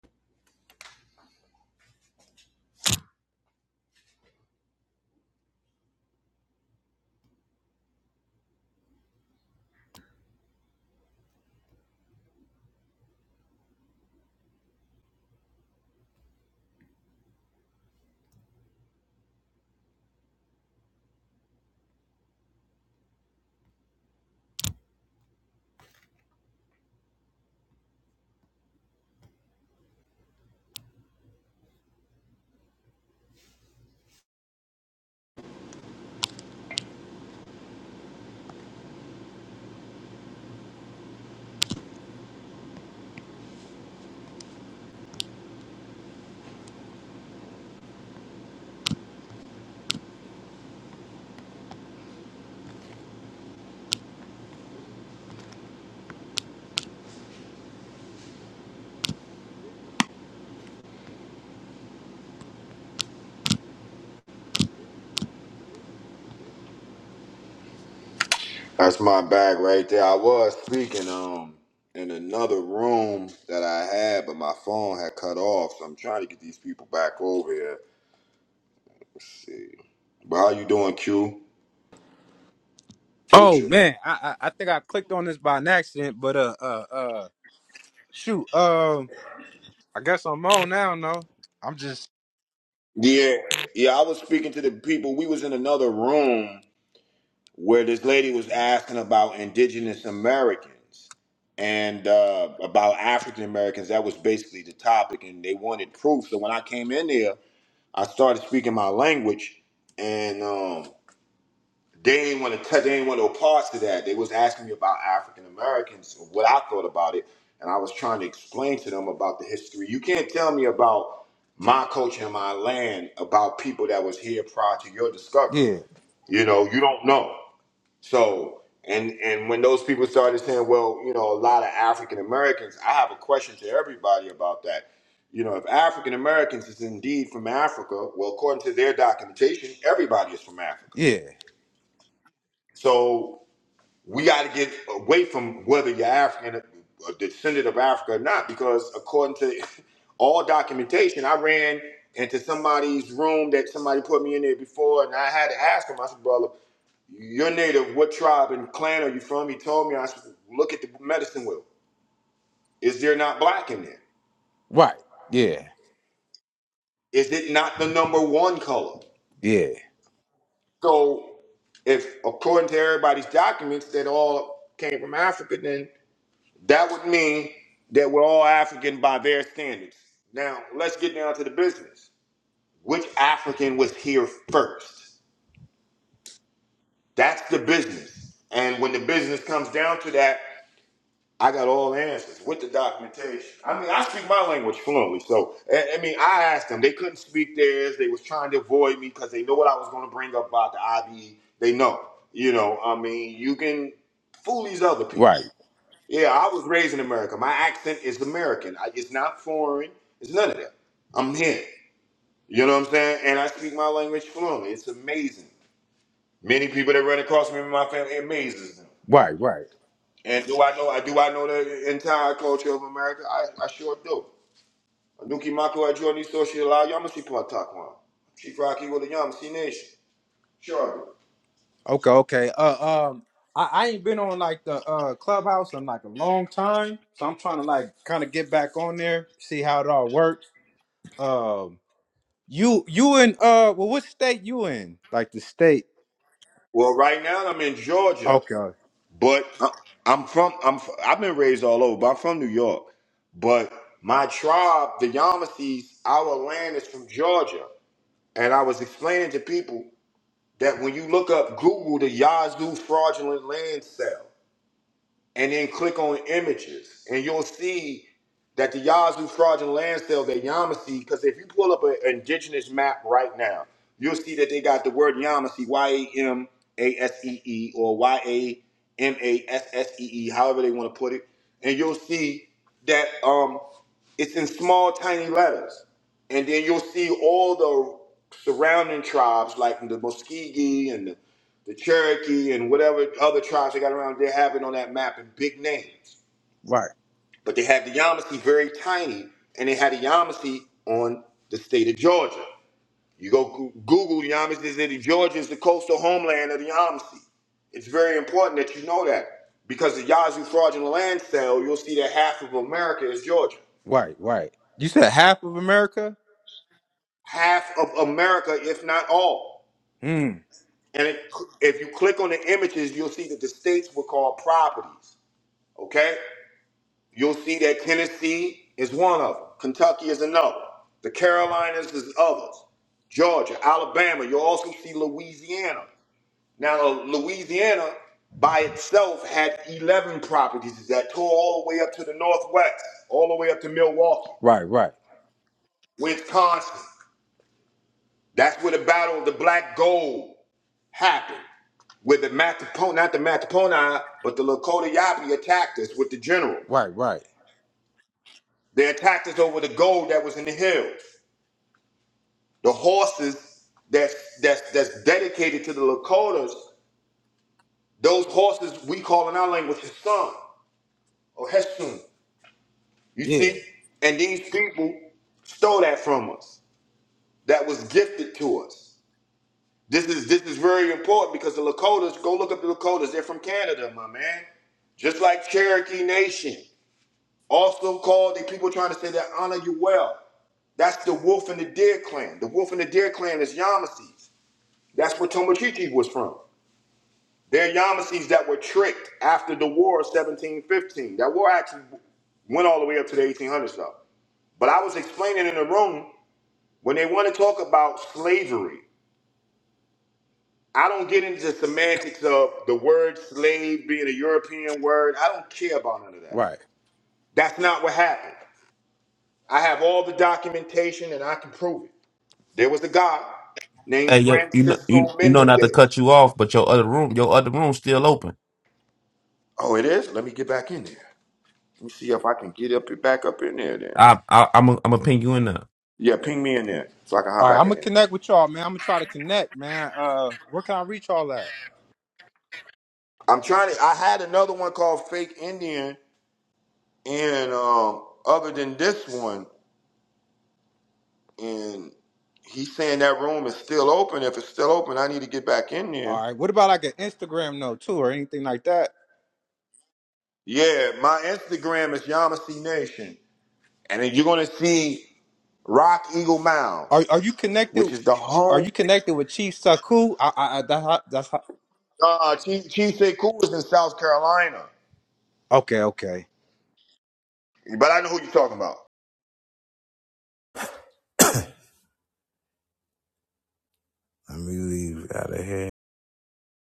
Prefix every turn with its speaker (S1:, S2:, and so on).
S1: That's my bag right there. I was speaking um in another room that I had, but my phone had cut off, so I'm trying to get these people back over here. Let's see. But how you doing, Q?
S2: Oh
S1: Butcher.
S2: man, I, I I think I clicked on this by an accident, but uh uh uh shoot, um I guess I'm on now. No, I'm just
S1: Yeah, yeah. I was speaking to the people. We was in another room where this lady was asking about Indigenous Americans and uh, about African Americans. That was basically the topic, and they wanted proof. So when I came in there, I started speaking my language, and um, They ain't want to touch. They ain't want no parts to that. They was asking me about African Americans, what I thought about it, and I was trying to explain to them about the history. You can't tell me about my culture and my land about people that was here prior to your discovery.
S2: yeah
S1: You know, you don't know. So, and and when those people started saying, well, you know, a lot of African Americans, I have a question to everybody about that. You know, if African Americans is indeed from Africa, well, according to their documentation, everybody is from Africa.
S2: yeah
S1: So we got to get away from whether you're African, a descendant of Africa or not, because according to all documentation, I ran into somebody's room that somebody put me in there before, and I had to ask him. I said, "Brother, you're native. What tribe and clan are you from?" He told me. I said, "Look at the medicine wheel. Is there not black in there?
S2: right yeah
S1: Is it not the number one color?"
S2: yeah
S1: So, if according to everybody's documents that all came from Africa, then That would mean that we're all African by their standards. Now, let's get down to the business. Which African was here first? That's the business. And when the business comes down to that, I got all the answers with the documentation. I mean, I speak my language fluently, so I I mean, I asked them. They couldn't speak theirs. They was trying to avoid me because they know what I was going to bring up about the IBE. They know, you know. I mean, you can fool these other people.
S2: right
S1: Yeah, I was raised in America. My accent is American. I, it's not foreign. It's none of that. I'm here. You know what I'm saying? And I speak my language fluently. It's amazing. Many people that run across me in my family it amazes them.
S2: right right
S1: And do I know? I do I know the entire culture of America? I, I sure do. Nuki Mako at Jordan Social Law Yamasi Patakwan. Chief Rocky with the Yamasi Nation. Sure. I do.
S2: okay okay uh um I, I ain't been on like the uh clubhouse in like a long time, so I'm trying to like kind of get back on there, see how it all works. Um, you you in uh well what state you in? Like the state?
S1: Well, right now I'm in Georgia.
S2: Okay,
S1: But I- I'm from I'm f- I've been raised all over, but I'm from New York. But my tribe, the Yamasees, our land is from Georgia. And I was explaining to people that when you look up Google the Yazoo fraudulent land sale, and then click on images, and you'll see that the Yazoo fraudulent land sale that Yamasee, because if you pull up an indigenous map right now, you'll see that they got the word Yamasee, Y A M A S E E, or Y A M A S S E E, however they want to put it, and you'll see that um, it's in small, tiny letters, and then you'll see all the surrounding tribes like the Muskegee and the the Cherokee and whatever other tribes they got around, they're having on that map in big names.
S2: right
S1: But they had the Yamasee very tiny, and they had the Yamasee on the state of Georgia. You go Goo- Google Yamasee City, Georgia is the coastal homeland of the Yamasee. It's very important that you know that because the Yazoo fraudulent land sale, you'll see that half of America is Georgia.
S2: right right. You said half of America?
S1: Half of America, if not all.
S2: Mm.
S1: And it, if you click on the images, you'll see that the states were called properties. Okay? You'll see that Tennessee is one of them. Kentucky is another. The Carolinas is others. Georgia, Alabama. You'll also see Louisiana. Now, Louisiana by itself had 11 properties that tore all the way up to the Northwest, all the way up to Milwaukee,
S2: Right, right,
S1: Wisconsin. That's where the Battle of the Black Gold happened, where the Matapon, not the Mataponi, but the Lakota Yapi attacked us with the general.
S2: right, right.
S1: They attacked us over the gold that was in the hills. The horses that's that's that's dedicated to the Lakotas, those horses we call in our language Hassan or Hesun. You
S2: Yeah,
S1: see? And these people stole that from us. That was gifted to us. This is this is very important because the Lakotas, go look up the Lakotas, they're from Canada, my man. Just like Cherokee Nation, also called the people trying to say that honor you well. That's the Wolf and the Deer clan. The Wolf and the Deer clan is Yamasees. That's where Tomochichi was from. They're Yamasees that were tricked after the war of 1715. That war actually went all the way up to the 1800s, though. But I was explaining in the room when they want to talk about slavery. I don't get into semantics of the word slave being a European word. I don't care about none of that.
S2: right.
S1: That's not what happened. I have all the documentation and I can prove it. There was a guy named
S3: Hey, you, you know, you,
S1: Francisco
S3: you know
S1: Mendez.
S3: not to cut you off, but your other room, your other room's still open.
S1: Oh, it is? Let me get back in there. Let me see if I can get up back up in there then.
S3: I, I, I'm, i I'm gonna ping you in there.
S1: Yeah, ping me in there so I can hop
S2: All right,
S1: back
S2: I'm
S1: in
S2: gonna
S1: there.
S2: connect with y'all, man. I'm gonna try to connect, man. Uh, where can I reach y'all at?
S1: I'm trying to. I had another one called Fake Indian, and um, other than this one, and he's saying that room is still open. If it's still open, I need to get back in
S2: All
S1: there.
S2: right. What about like an Instagram though, too, or anything like that?
S1: Yeah, my Instagram is Yamasee Nation, and then you're gonna see Rock Eagle Mound,
S2: Are Are you connected?
S1: which is the
S2: Are you
S1: home.
S2: connected with Chief Saku? I, I, I that's how, that's how.
S1: Uh, Chief Chief Sekou is in South Carolina,
S2: Okay, okay.
S1: but I know who you're talking about.
S2: Let me leave out of here.